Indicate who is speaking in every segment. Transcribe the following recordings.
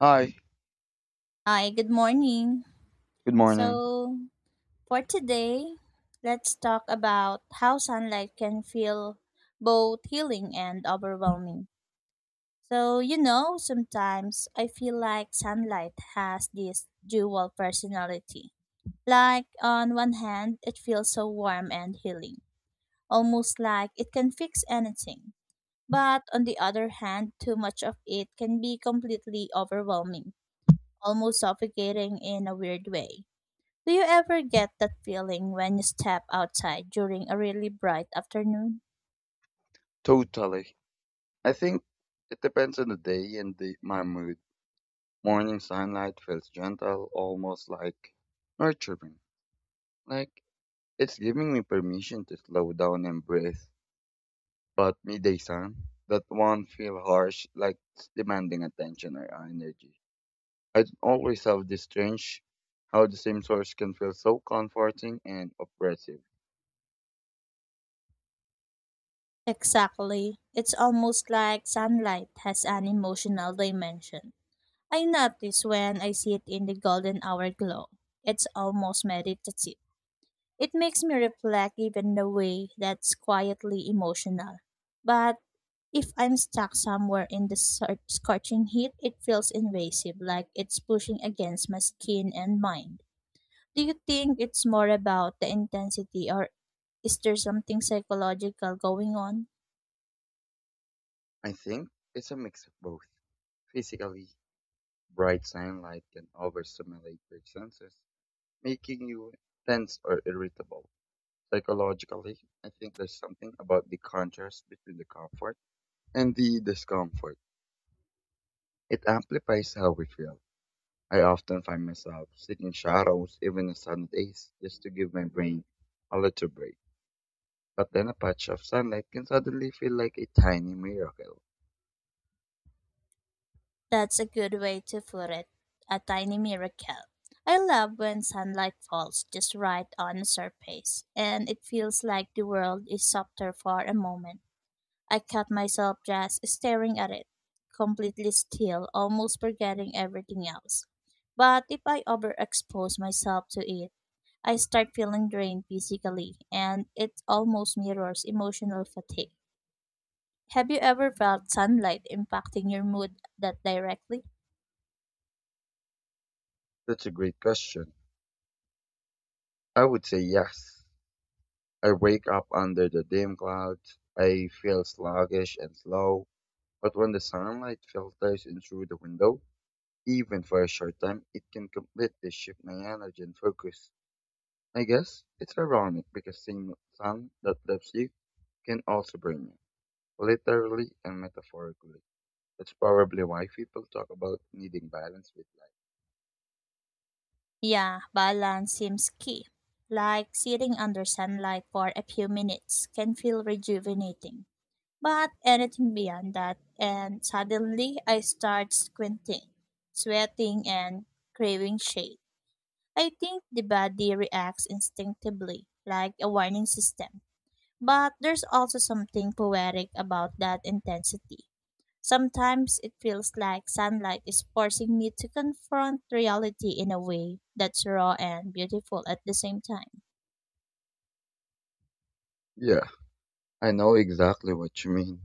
Speaker 1: Hi,
Speaker 2: Hi, good morning.
Speaker 1: good morning.
Speaker 2: So, for today, let's talk about how sunlight can feel both healing and overwhelming. So, sometimes I feel like sunlight has this dual personality. Like, on one hand, it feels so warm and healing, almost like it can fix anything. But on the other hand, too much of it can be completely overwhelming, almost suffocating in a weird way. Do you ever get that feeling when you step outside during a really bright afternoon?
Speaker 1: Totally. I think it depends on the day and my mood. Morning sunlight feels gentle, almost like nurturing. Like it's giving me permission to slow down and breathe. But midday sun, that one feel harsh, like it's demanding attention or energy. I don't always have this strange how the same source can feel so comforting and oppressive.
Speaker 2: Exactly. It's almost like sunlight has an emotional dimension. I notice when I sit in the golden hour glow. It's almost meditative. It makes me reflect even the way that's quietly emotional. But if I'm stuck somewhere in the scorching heat, it feels invasive, like it's pushing against my skin and mind. Do you think it's more about the intensity, or is there something psychological going on?
Speaker 1: I think it's a mix of both. Physically, bright sunlight can overstimulate your senses, making you tense or irritable. Psychologically, I think there's something about the contrast between the comfort and the discomfort. It amplifies how we feel. I often find myself seeking shadows even on sunny days just to give my brain a little break. But then a patch of sunlight can suddenly feel like a tiny miracle.
Speaker 2: That's a good way to put it. A tiny miracle. I love when sunlight falls just right on the surface, and it feels like the world is softer for a moment. I caught myself just staring at it, completely still, almost forgetting everything else. But if I overexpose myself to it, I start feeling drained physically, and it almost mirrors emotional fatigue. Have you ever felt sunlight impacting your mood that directly?
Speaker 1: That's a great question. I would say yes. I wake up under the dim clouds. I feel sluggish and slow, but when the sunlight filters in through the window, even for a short time, it can completely shift my energy and focus. I guess it's ironic because seeing the sun that lifts you can also bring you, literally and metaphorically. That's probably why people talk about needing balance with life.
Speaker 2: Yeah, balance seems key. Like sitting under sunlight for a few minutes can feel rejuvenating, but anything beyond that, and suddenly I start squinting, sweating, and craving shade. I think the body reacts instinctively, like a warning system. But there's also something poetic about that intensity. Sometimes it feels like sunlight is forcing me to confront reality in a way that's raw and beautiful at the same time.
Speaker 1: Yeah, I know exactly what you mean.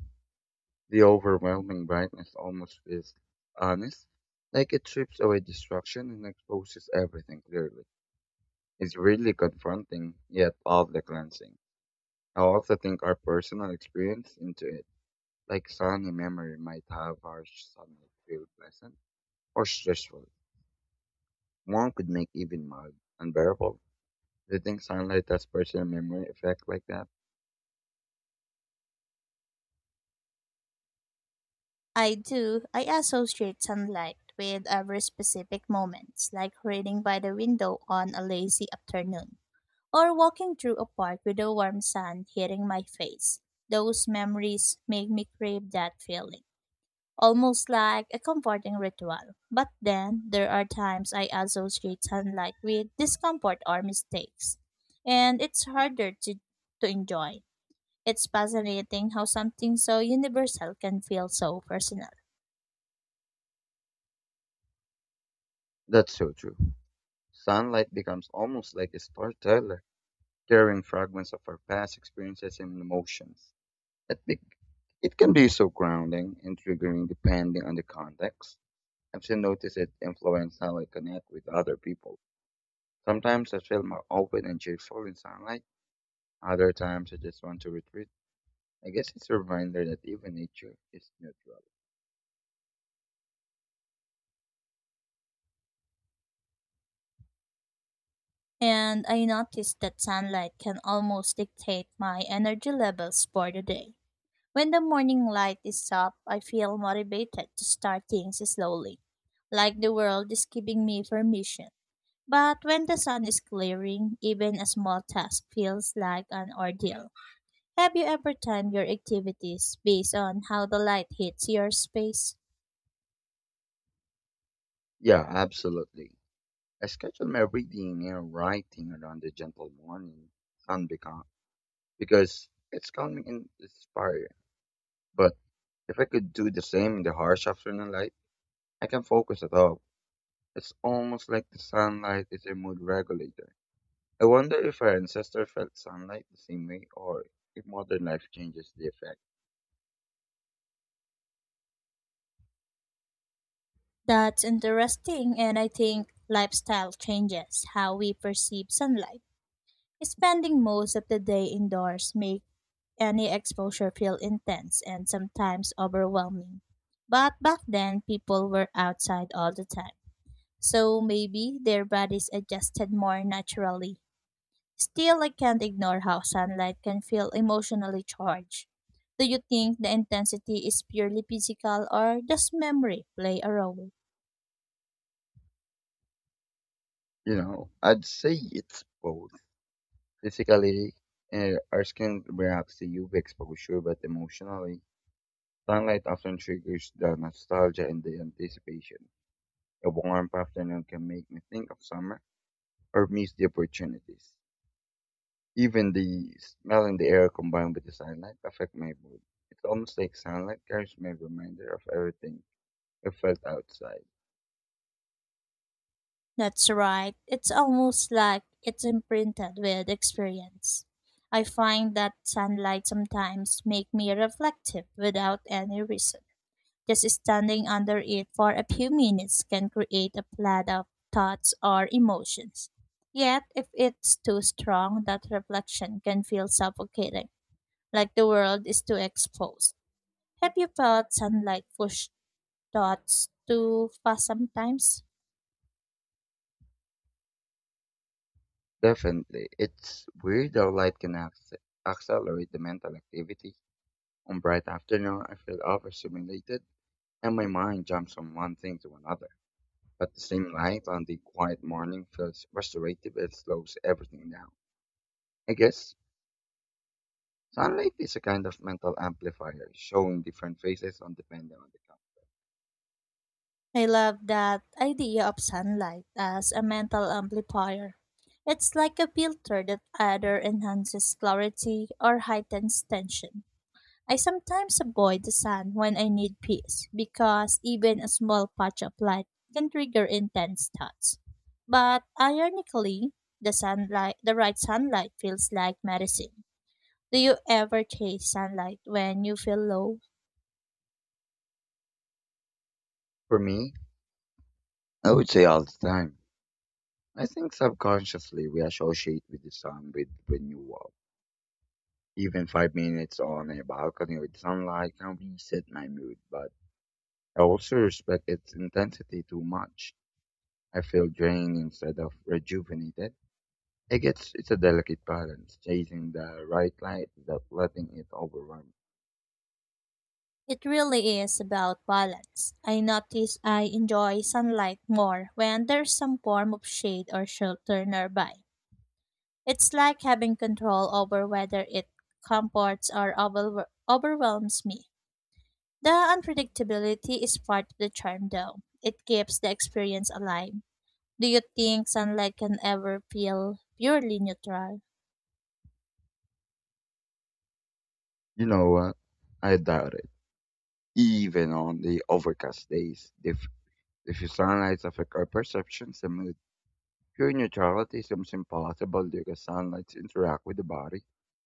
Speaker 1: The overwhelming brightness almost feels honest, like it strips away distraction and exposes everything clearly. It's really confronting, yet all cleansing. I also think our personal experience into it, like sunny memory might have harsh sunlight feel pleasant or stressful. One could make even mild unbearable. Do you think sunlight has personal memory effect like that?
Speaker 2: I do. I associate sunlight with ever specific moments, like reading by the window on a lazy afternoon, or walking through a park with the warm sun hitting my face. Those memories make me crave that feeling, almost like a comforting ritual. But then there are times I associate sunlight with discomfort or mistakes, and it's harder to enjoy. It's fascinating how something so universal can feel so personal.
Speaker 1: That's so true. Sunlight becomes almost like a storyteller carrying fragments of our past experiences and emotions. It, be, it can be so grounding and triggering depending on the context. I've still noticed it influence how I connect with other people. Sometimes I feel more open and cheerful in sunlight. Other times I just want to retreat. I guess it's a reminder that even nature is neutral.
Speaker 2: And I noticed that sunlight can almost dictate my energy levels for the day. When the morning light is up, I feel motivated to start things slowly, like the world is giving me permission. But when the sun is clearing, even a small task feels like an ordeal. Have you ever timed your activities based on how the light hits your space?
Speaker 1: Yeah, absolutely. I schedule my reading and writing around the gentle morning sun because it's calming and inspiring. But if I could do the same in the harsh afternoon light, I can focus at all. It's almost like the sunlight is a mood regulator. I wonder if our ancestors felt sunlight the same way or if modern life changes the effect.
Speaker 2: That's interesting, and I think lifestyle changes how we perceive sunlight. Spending most of the day indoors make any exposure feel intense and sometimes overwhelming. But back then people were outside all the time. So maybe their bodies adjusted more naturally. Still, I can't ignore how sunlight can feel emotionally charged. Do you think the intensity is purely physical, or does memory play a role?
Speaker 1: You know, I'd say it's both. Physically, our skin reacts to UV exposure, but emotionally, sunlight often triggers the nostalgia and the anticipation. A warm afternoon can make me think of summer or miss the opportunities. Even the smell in the air combined with the sunlight affect my mood. It's almost like sunlight carries my reminder of everything I felt outside.
Speaker 2: That's right. It's almost like it's imprinted with experience. I find that sunlight sometimes make me reflective without any reason. Just standing under it for a few minutes can create a flood of thoughts or emotions. Yet, if it's too strong, that reflection can feel suffocating, like the world is too exposed. Have you felt sunlight push thoughts too fast sometimes?
Speaker 1: Definitely, it's weird how light can accelerate the mental activity. On bright afternoon, I feel overstimulated and my mind jumps from one thing to another. But the same light on the quiet morning feels restorative and slows everything down. I guess sunlight is a kind of mental amplifier, showing different faces on depending on the color.
Speaker 2: I love that idea of sunlight as a mental amplifier. It's like a filter that either enhances clarity or heightens tension. I sometimes avoid the sun when I need peace because even a small patch of light can trigger intense thoughts. But ironically, the sunlight, the right sunlight feels like medicine. Do you ever chase sunlight when you feel low?
Speaker 1: For me, I would say all the time. I think subconsciously we associate with the sun with renewal. Even 5 minutes on a balcony with sunlight can reset my mood, but I also respect its intensity too much. I feel drained instead of rejuvenated. I guess it's a delicate balance, chasing the right light without letting it overwhelm.
Speaker 2: It really is about balance. I notice I enjoy sunlight more when there's some form of shade or shelter nearby. It's like having control over whether it comforts or overwhelms me. The unpredictability is part of the charm, though. It keeps the experience alive. Do you think sunlight can ever feel purely neutral?
Speaker 1: You know what? I doubt it. Even on the overcast days, if sunlight affects our perceptions and moods. Pure neutrality seems impossible because sunlight interacts with the body,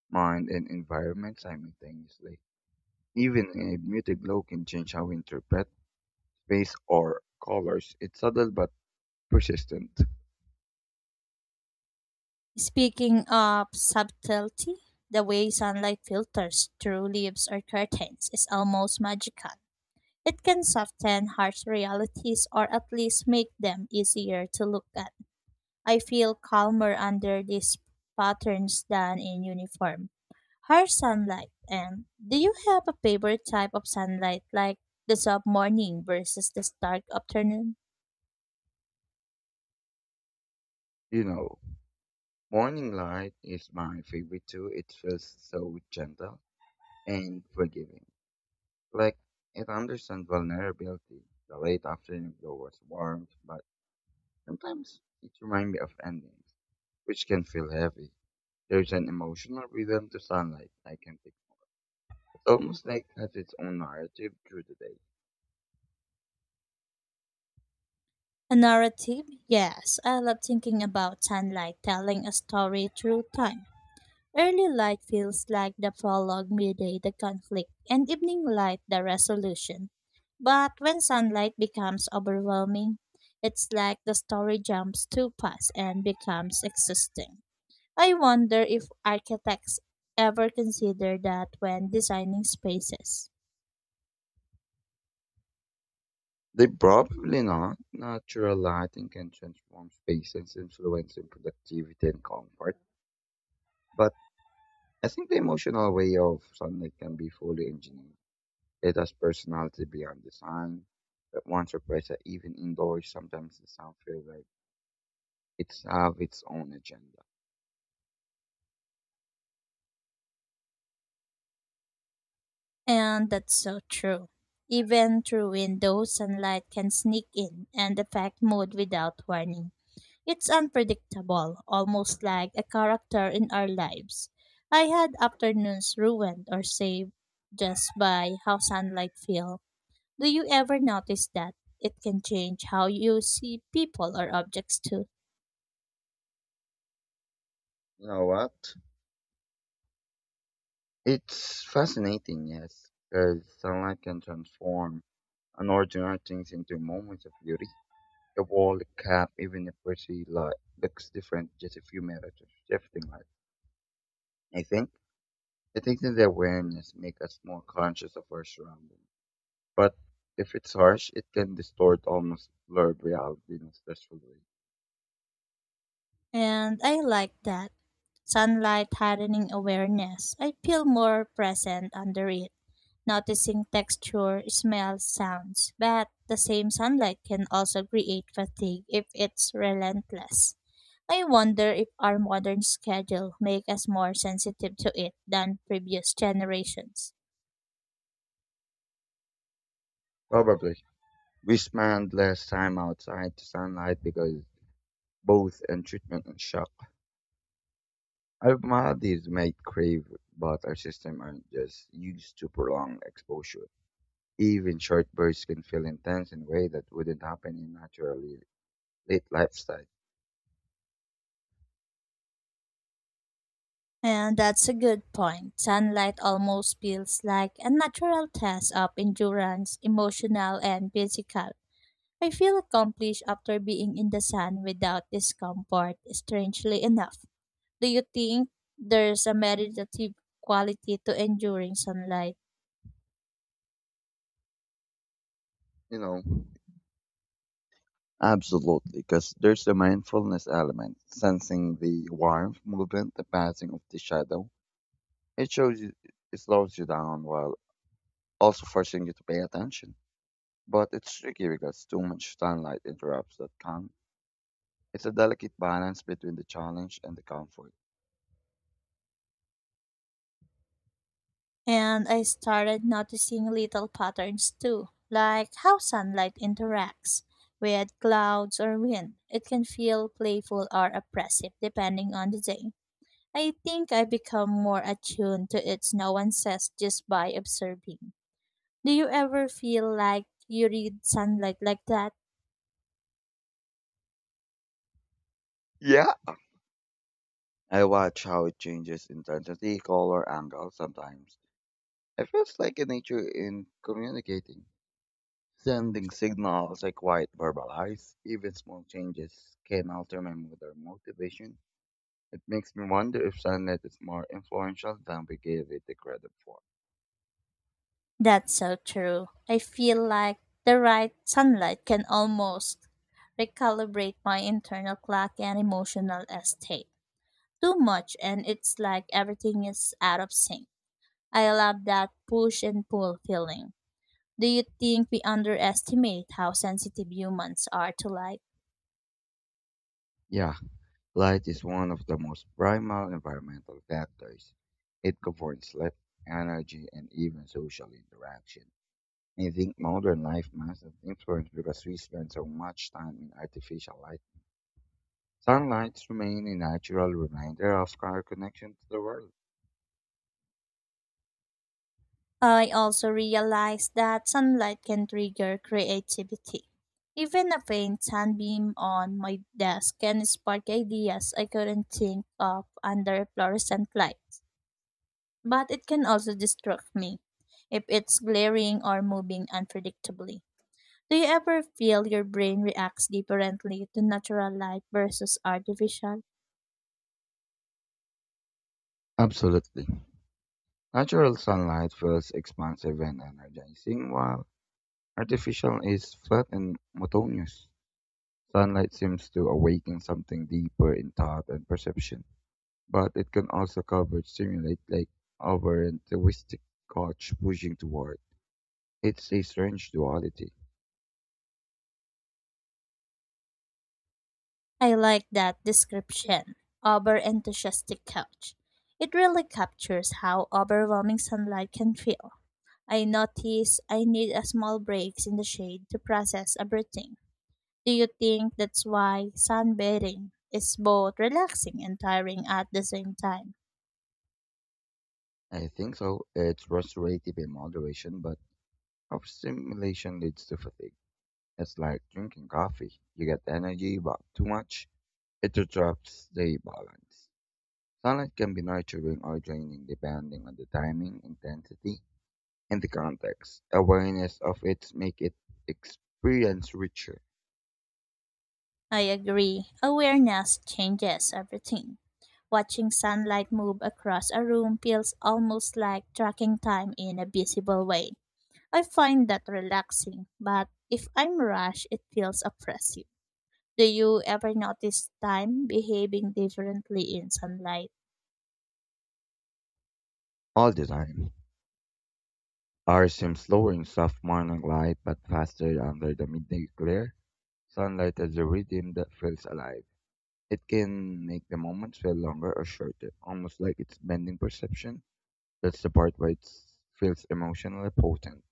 Speaker 1: mind, and environment simultaneously. Even a muted glow can change how we interpret space or colors. It's subtle but persistent.
Speaker 2: Speaking of subtlety, the way sunlight filters through leaves or curtains is almost magical. It can soften harsh realities or at least make them easier to look at. I feel calmer under these patterns than in uniform. Harsh sunlight, and do you have a favorite type of sunlight, like the soft morning versus the stark afternoon?
Speaker 1: You know, morning light is my favorite too. It feels so gentle and forgiving. Like it understands vulnerability. The late afternoon glow was warm, but sometimes it reminds me of endings, which can feel heavy. There's an emotional rhythm to sunlight I can pick. It's almost like it has its own narrative through the day.
Speaker 2: A narrative? Yes, I love thinking about sunlight telling a story through time. Early light feels like the prologue, midday the conflict, and evening light the resolution. But when sunlight becomes overwhelming, it's like the story jumps too fast and becomes existing. I wonder if architects ever consider that when designing spaces.
Speaker 1: They probably not. Natural lighting can transform spaces, influencing productivity and comfort. But I think the emotional way of sunlight can be fully engineered. It has personality beyond design. But once one surprise that even indoors, sometimes the sound feels like it's have its own agenda.
Speaker 2: And that's so true. Even through windows, sunlight can sneak in and affect mood without warning. It's unpredictable, almost like a character in our lives. I had afternoons ruined or saved just by how sunlight feels. Do you ever notice that? It can change how you see people or objects too.
Speaker 1: You know what? It's fascinating, yes, because sunlight can transform unordinary things into moments of beauty. A wall, a cap, even a pretty light looks different just a few minutes of shifting light. I think I think that the awareness make us more conscious of our surroundings. But if it's harsh, it can distort almost blurred reality in a stressful way.
Speaker 2: And I like that. Sunlight hardening awareness. I feel more present under it, noticing texture, smell, sounds. But the same sunlight can also create fatigue if it's relentless. I wonder if our modern schedule make us more sensitive to it than previous generations.
Speaker 1: Probably. We spend less time outside to sunlight because both in treatment and shock. Our bodies may crave, but our system aren't just used to prolonged exposure. Even short bursts can feel intense in a way that wouldn't happen in naturally lit lifestyle.
Speaker 2: And that's a good point. Sunlight almost feels like a natural test of endurance, emotional and physical. I feel accomplished after being in the sun without discomfort, strangely enough. Do you think there's a meditative quality to enduring sunlight?
Speaker 1: You know, absolutely, because there's the mindfulness element, sensing the warmth, movement, the passing of the shadow. It shows you, it slows you down while also forcing you to pay attention. But it's tricky because too much sunlight interrupts that calm. It's a delicate balance between the challenge and the comfort.
Speaker 2: And I started noticing little patterns too, like how sunlight interacts with clouds or wind. It can feel playful or oppressive depending on the day. I become more attuned to its nuances just by observing. Do you ever feel like you read sunlight like that?
Speaker 1: Yeah, I watch how it changes intensity, color, angle sometimes. It feels like a nature in communicating, sending signals I quite verbalize. Even small changes can alter my mood or motivation. It makes me wonder if sunlight is more influential than we give it the credit for.
Speaker 2: That's so true. I feel like the right sunlight can almost recalibrate my internal clock and emotional state. Too much and it's like everything is out of sync. I love that push and pull feeling. Do you think we underestimate how sensitive humans are to light?
Speaker 1: Yeah, light is one of the most primal environmental factors. It governs sleep, energy, and even social interaction. I think modern life must have influence because we spend so much time in artificial light. Sunlight remains a natural reminder of our connection to the world.
Speaker 2: I also realized that sunlight can trigger creativity. Even a faint sunbeam on my desk can spark ideas I couldn't think of under fluorescent lights. But it can also distract me if it's glaring or moving unpredictably. Do you ever feel your brain reacts differently to natural light versus artificial?
Speaker 1: Absolutely. Natural sunlight feels expansive and energizing, while artificial is flat and monotonous. Sunlight seems to awaken something deeper in thought and perception, but it can also cover, stimulate, like over enthusiastic coach pushing toward. It's a strange duality.
Speaker 2: I like that description. Over enthusiastic couch. It really captures how overwhelming sunlight can feel. I notice I need a small breaks in the shade to process everything. Do you think that's why sunbathing is both relaxing and tiring at the same time?
Speaker 1: I think so. It's restorative in moderation, but overstimulation leads to fatigue. It's like drinking coffee. You get energy, but too much, it disrupts the balance. Sunlight can be nurturing or draining depending on the timing, intensity, and the context. Awareness of it make it experience richer
Speaker 2: I agree. Awareness changes everything. Watching sunlight move across a room feels almost like tracking time in a visible way. I find that relaxing, but if I'm rushed, it feels oppressive. Do you ever notice time behaving differently in sunlight?
Speaker 1: all the time. Ours seems slower in soft morning light, but faster under the midday glare. Sunlight has a rhythm that feels alive. It can make the moments feel longer or shorter, almost like it's bending perception. That's the part where it feels emotionally potent.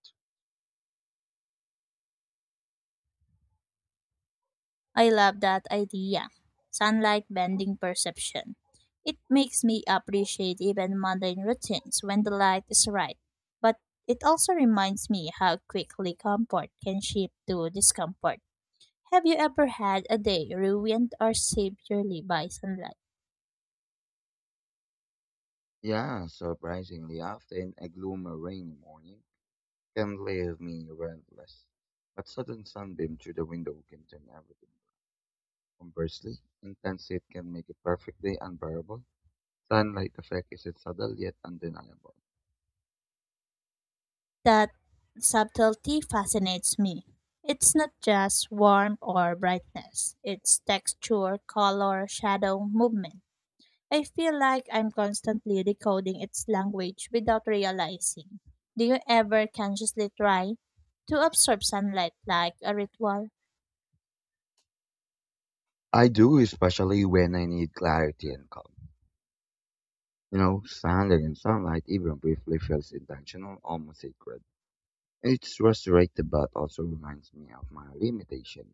Speaker 2: I love that idea. Sunlight bending perception. It makes me appreciate even mundane routines when the light is right. But it also reminds me how quickly comfort can shift to discomfort. Have you ever had a day ruined or saved purely by sunlight?
Speaker 1: Yeah, surprisingly, often a gloomy rainy morning can leave me restless. But sudden sunbeam through the window can turn everything. Conversely, intense heat can make it perfectly unbearable. Sunlight effect is subtle yet undeniable.
Speaker 2: That subtlety fascinates me. It's not just warmth or brightness, it's texture, color, shadow, movement. I feel like I'm constantly decoding its language without realizing. Do you ever consciously try to absorb sunlight like a ritual?
Speaker 1: I do, especially when I need clarity and calm. You know, standing in sunlight, even briefly, feels intentional, almost sacred. It's restorative, but also reminds me of my limitation.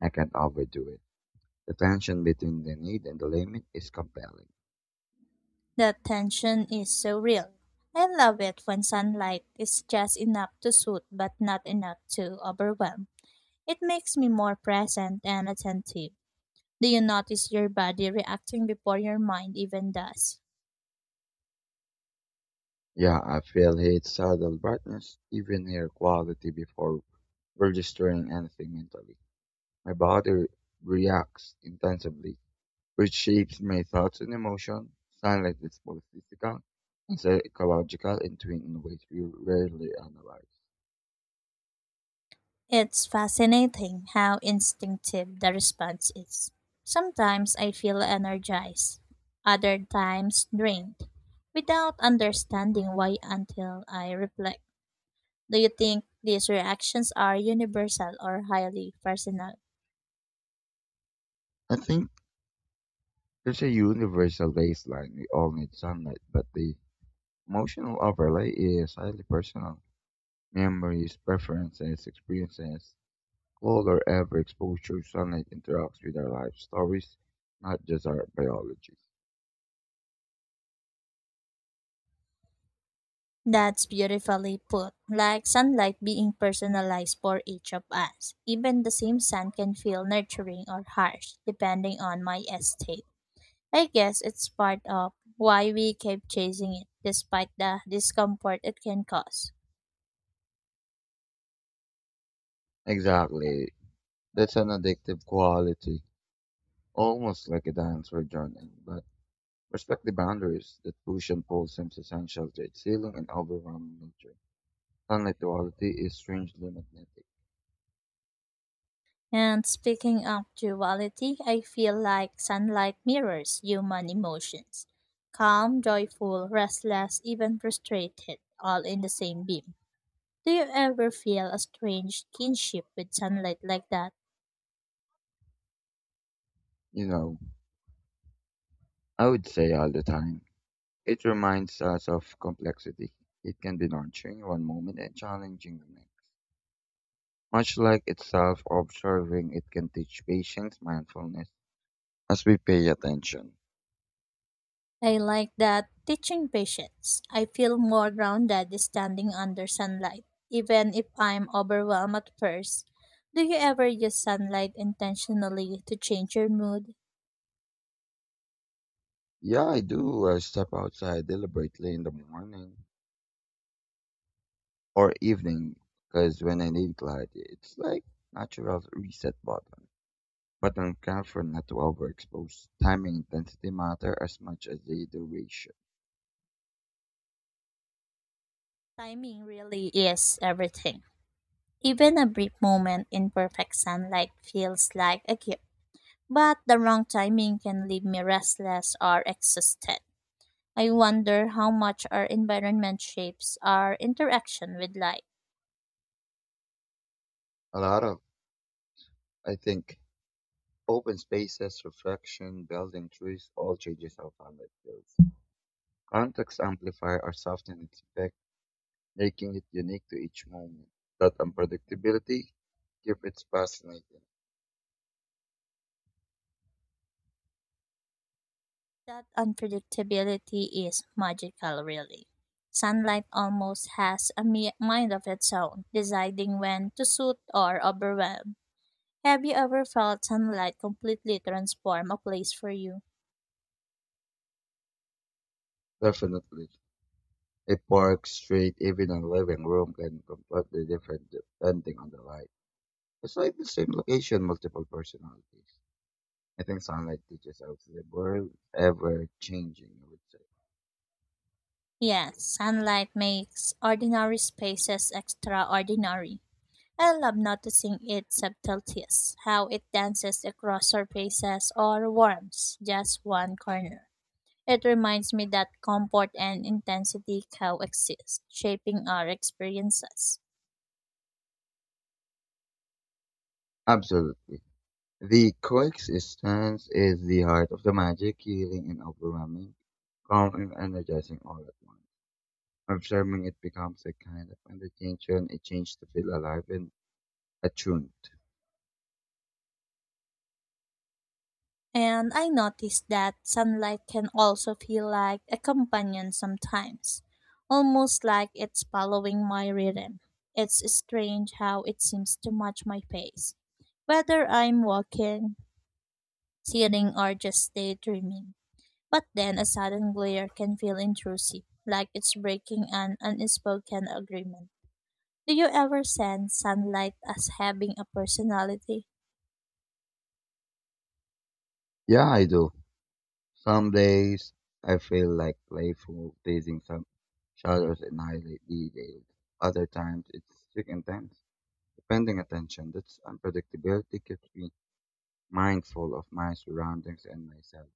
Speaker 1: I can't overdo it. The tension between the need and the limit is compelling.
Speaker 2: The tension is so real. I love it when sunlight is just enough to soothe but not enough to overwhelm. It makes me more present and attentive. Do you notice your body reacting before your mind even does?
Speaker 1: Yeah, I feel its subtle brightness, even air quality before registering anything mentally. My body reacts intensively, which shapes my thoughts and emotion. Sunlight is both physical and psychological in twin in ways we rarely analyze.
Speaker 2: It's fascinating how instinctive the response is. Sometimes I feel energized, other times drained, without understanding why until I reflect. Do you think these reactions are universal or highly personal?
Speaker 1: I think there's a universal baseline. We all need sunlight, but the emotional overlay is highly personal. Memories, preferences, experiences, all closer ever exposure to sunlight interacts with our life stories, not just our biology.
Speaker 2: That's beautifully put, like sunlight being personalized for each of us. Even the same sun can feel nurturing or harsh, depending on my estate. I guess it's part of why we keep chasing it, despite the discomfort it can cause.
Speaker 1: Exactly. That's an addictive quality, almost like a dance we're joining, but respect the boundaries that push and pull seems essential to its healing and overwhelming nature. Sunlight duality is strangely magnetic.
Speaker 2: And speaking of duality, I feel like sunlight mirrors human emotions: calm, joyful, restless, even frustrated, all in the same beam. Do you ever feel a strange kinship with sunlight like that?
Speaker 1: You know, I would say all the time. It reminds us of complexity. It can be nurturing one moment and challenging the next. Much like itself, observing it can teach patience, mindfulness, as we pay attention.
Speaker 2: I like that teaching patience. I feel more grounded standing under sunlight, even if I'm overwhelmed at first. Do you ever use sunlight intentionally to change your mood?
Speaker 1: Yeah, I do step outside deliberately in the morning or evening because when I need clarity, it's like natural reset button. But I'm careful not to overexpose. Time and intensity matter as much as the duration.
Speaker 2: Timing really is everything. Even a brief moment in perfect sunlight feels like a gift, but the wrong timing can leave me restless or exhausted. I wonder how much our environment shapes our interaction with light.
Speaker 1: A lot of, I think, open spaces, reflection, building trees all changes how climate feels. Context amplify or soften its effect, making it unique to each moment. That unpredictability keep it fascinating.
Speaker 2: That unpredictability is magical, really. Sunlight almost has a mind of its own, deciding when to suit or overwhelm. Have you ever felt sunlight completely transform a place for you?
Speaker 1: Definitely. A park, street, even a living room can completely different depending on the light. It's like the same location, multiple personalities. I think sunlight teaches us the world ever changing, I would say.
Speaker 2: Yes, sunlight makes ordinary spaces extraordinary. I love noticing its subtleties, how it dances across surfaces or warms just one corner. It reminds me that comfort and intensity coexist, shaping our experiences.
Speaker 1: Absolutely. The coexistence is the heart of the magic, healing and overwhelming, calm and energizing all at once. Observing it becomes a kind of meditation, a change to feel alive and attuned.
Speaker 2: And I noticed that sunlight can also feel like a companion sometimes, almost like it's following my rhythm. It's strange how it seems to match my pace, whether I'm walking, sitting, or just daydreaming. But then a sudden glare can feel intrusive, like it's breaking an unspoken agreement. Do you ever sense sunlight as having a personality?
Speaker 1: Yeah, I do. Some days I feel like playful, teasing, some shadows and highlight details. Other times it's sick and tense, depending attention. That's unpredictability keeps me mindful of my surroundings and myself.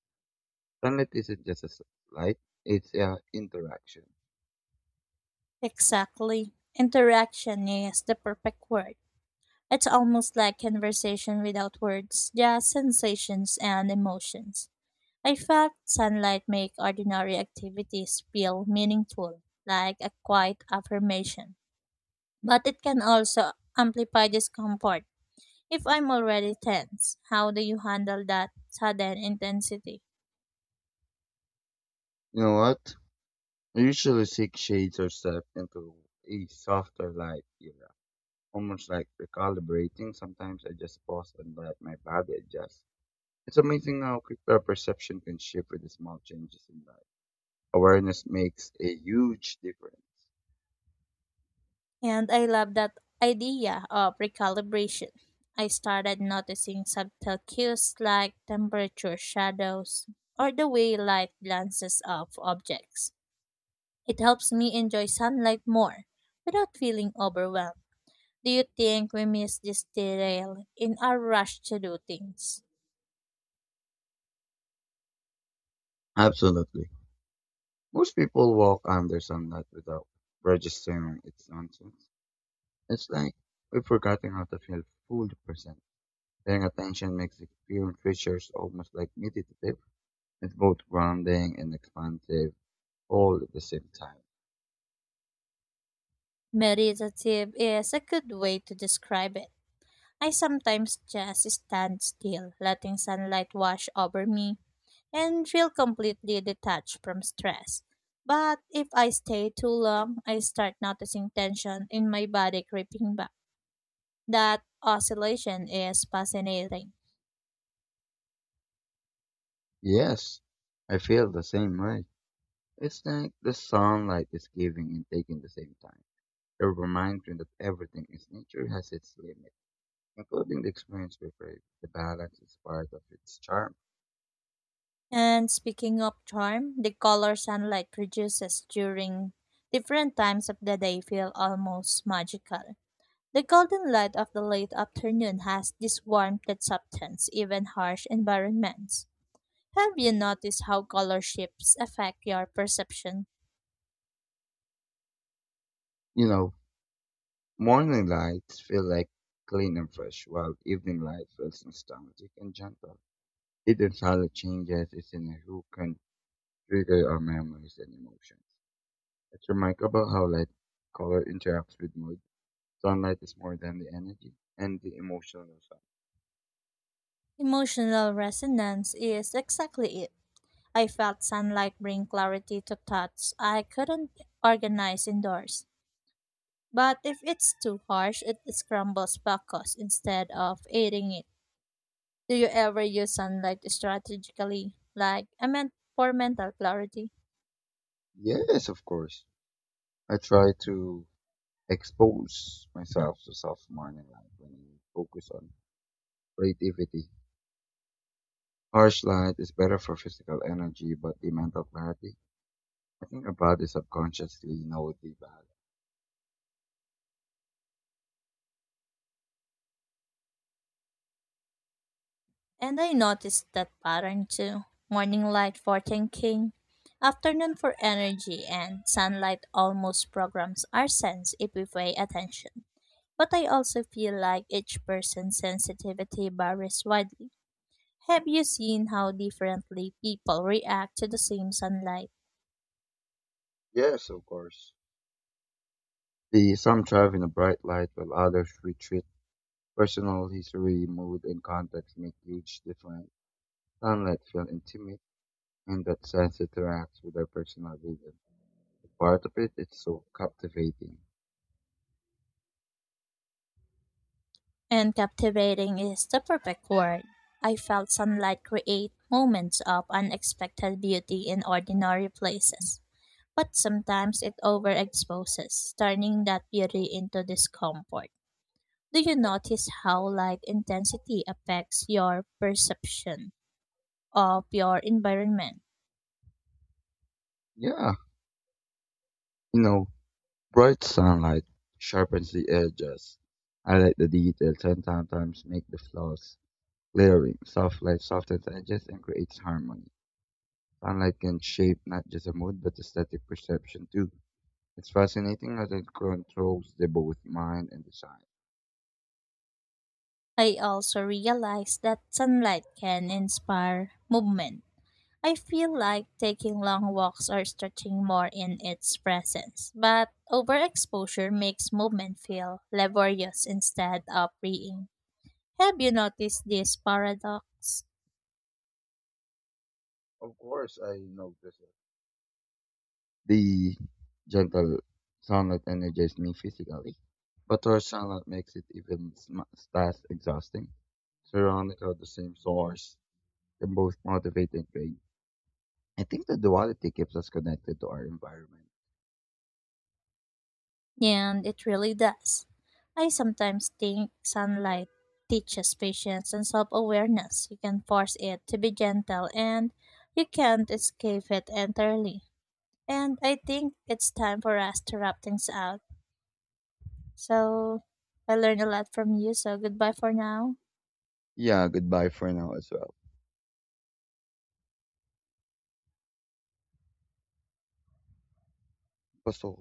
Speaker 1: Sunlight isn't just a light, it's a interaction.
Speaker 2: Exactly. Interaction is the perfect word. It's almost like conversation without words, just sensations and emotions. I felt sunlight make ordinary activities feel meaningful, like a quiet affirmation. But it can also amplify discomfort. If I'm already tense, how do you handle that sudden intensity?
Speaker 1: You know what? I usually seek shades or step into a softer light era. Almost like recalibrating, sometimes I just pause and let my body adjust. It's amazing how quick our perception can shift with the small changes in life. Awareness makes a huge difference.
Speaker 2: And I love that idea of recalibration. I started noticing subtle cues like temperature, shadows, or the way light glances off objects. It helps me enjoy sunlight more without feeling overwhelmed. Do you think we miss this detail in our rush to do things?
Speaker 1: Absolutely. Most people walk under sunlight without registering its nonsense. It's like we've forgotten how to feel full percent. Paying attention makes the experience richer, almost like meditative. It's both grounding and expansive all at the same time.
Speaker 2: Meditative is a good way to describe it. I sometimes just stand still, letting sunlight wash over me and feel completely detached from stress. But if I stay too long, I start noticing tension in my body creeping back. That oscillation is fascinating.
Speaker 1: Yes, I feel the same way. It's like the sunlight is giving and taking at the same time. A reminder that everything in nature has its limit, including the experience we crave. The balance is part of its charm.
Speaker 2: And speaking of charm, the color sunlight produces during different times of the day feel almost magical. The golden light of the late afternoon has this warmth that softens even harsh environments. Have you noticed how color shifts affect your perception?
Speaker 1: You know, morning lights feel like clean and fresh, while evening light feels nostalgic and gentle. It entirely changes, it's in who can trigger our memories and emotions. It's remarkable about how light color interacts with mood. Sunlight is more than the energy and the emotional side.
Speaker 2: Emotional resonance is exactly it. I felt sunlight bring clarity to thoughts I couldn't organize indoors. But if it's too harsh, it scrambles focus instead of aiding it. Do you ever use sunlight strategically? Like, I meant for mental clarity.
Speaker 1: Yes, of course. I try to expose myself to soft morning light when I focus on creativity. Harsh light is better for physical energy, but the mental clarity. I think our body subconsciously know the value.
Speaker 2: And I noticed that pattern too. Morning light for thinking, afternoon for energy, and sunlight almost programs our sense if we pay attention. But I also feel like each person's sensitivity varies widely. Have you seen how differently people react to the same sunlight?
Speaker 1: Yes, of course. The some thrive in a bright light, while others retreat. Personal history, mood, and context make huge difference. Sunlight feel intimate, and that sense interacts with our personal vision. Part of it is so captivating.
Speaker 2: And captivating is the perfect word. I felt sunlight create moments of unexpected beauty in ordinary places. But sometimes it overexposes, turning that beauty into discomfort. Do you notice how light intensity affects your perception of your environment?
Speaker 1: Yeah, you know, bright sunlight sharpens the edges, highlight the details, and sometimes make the flaws glaring. Soft light softens edges and creates harmony. Sunlight can shape not just a mood but aesthetic perception too. It's fascinating how it controls the both mind and design.
Speaker 2: I also realized that sunlight can inspire movement. I feel like taking long walks or stretching more in its presence, but overexposure makes movement feel laborious instead of freeing. Have you noticed this paradox?
Speaker 1: Of course, I noticed. The gentle sunlight energizes me physically, but harsh sunlight makes it even less exhausting. Surrounded by the same source can both motivate and drain. I think the duality keeps us connected to our environment.
Speaker 2: And it really does. I sometimes think sunlight teaches patience and self awareness. You can force it to be gentle and you can't escape it entirely. And I think it's time for us to wrap things out. So I learned a lot from you. So goodbye for now.
Speaker 1: Yeah, goodbye for now as well. Paso.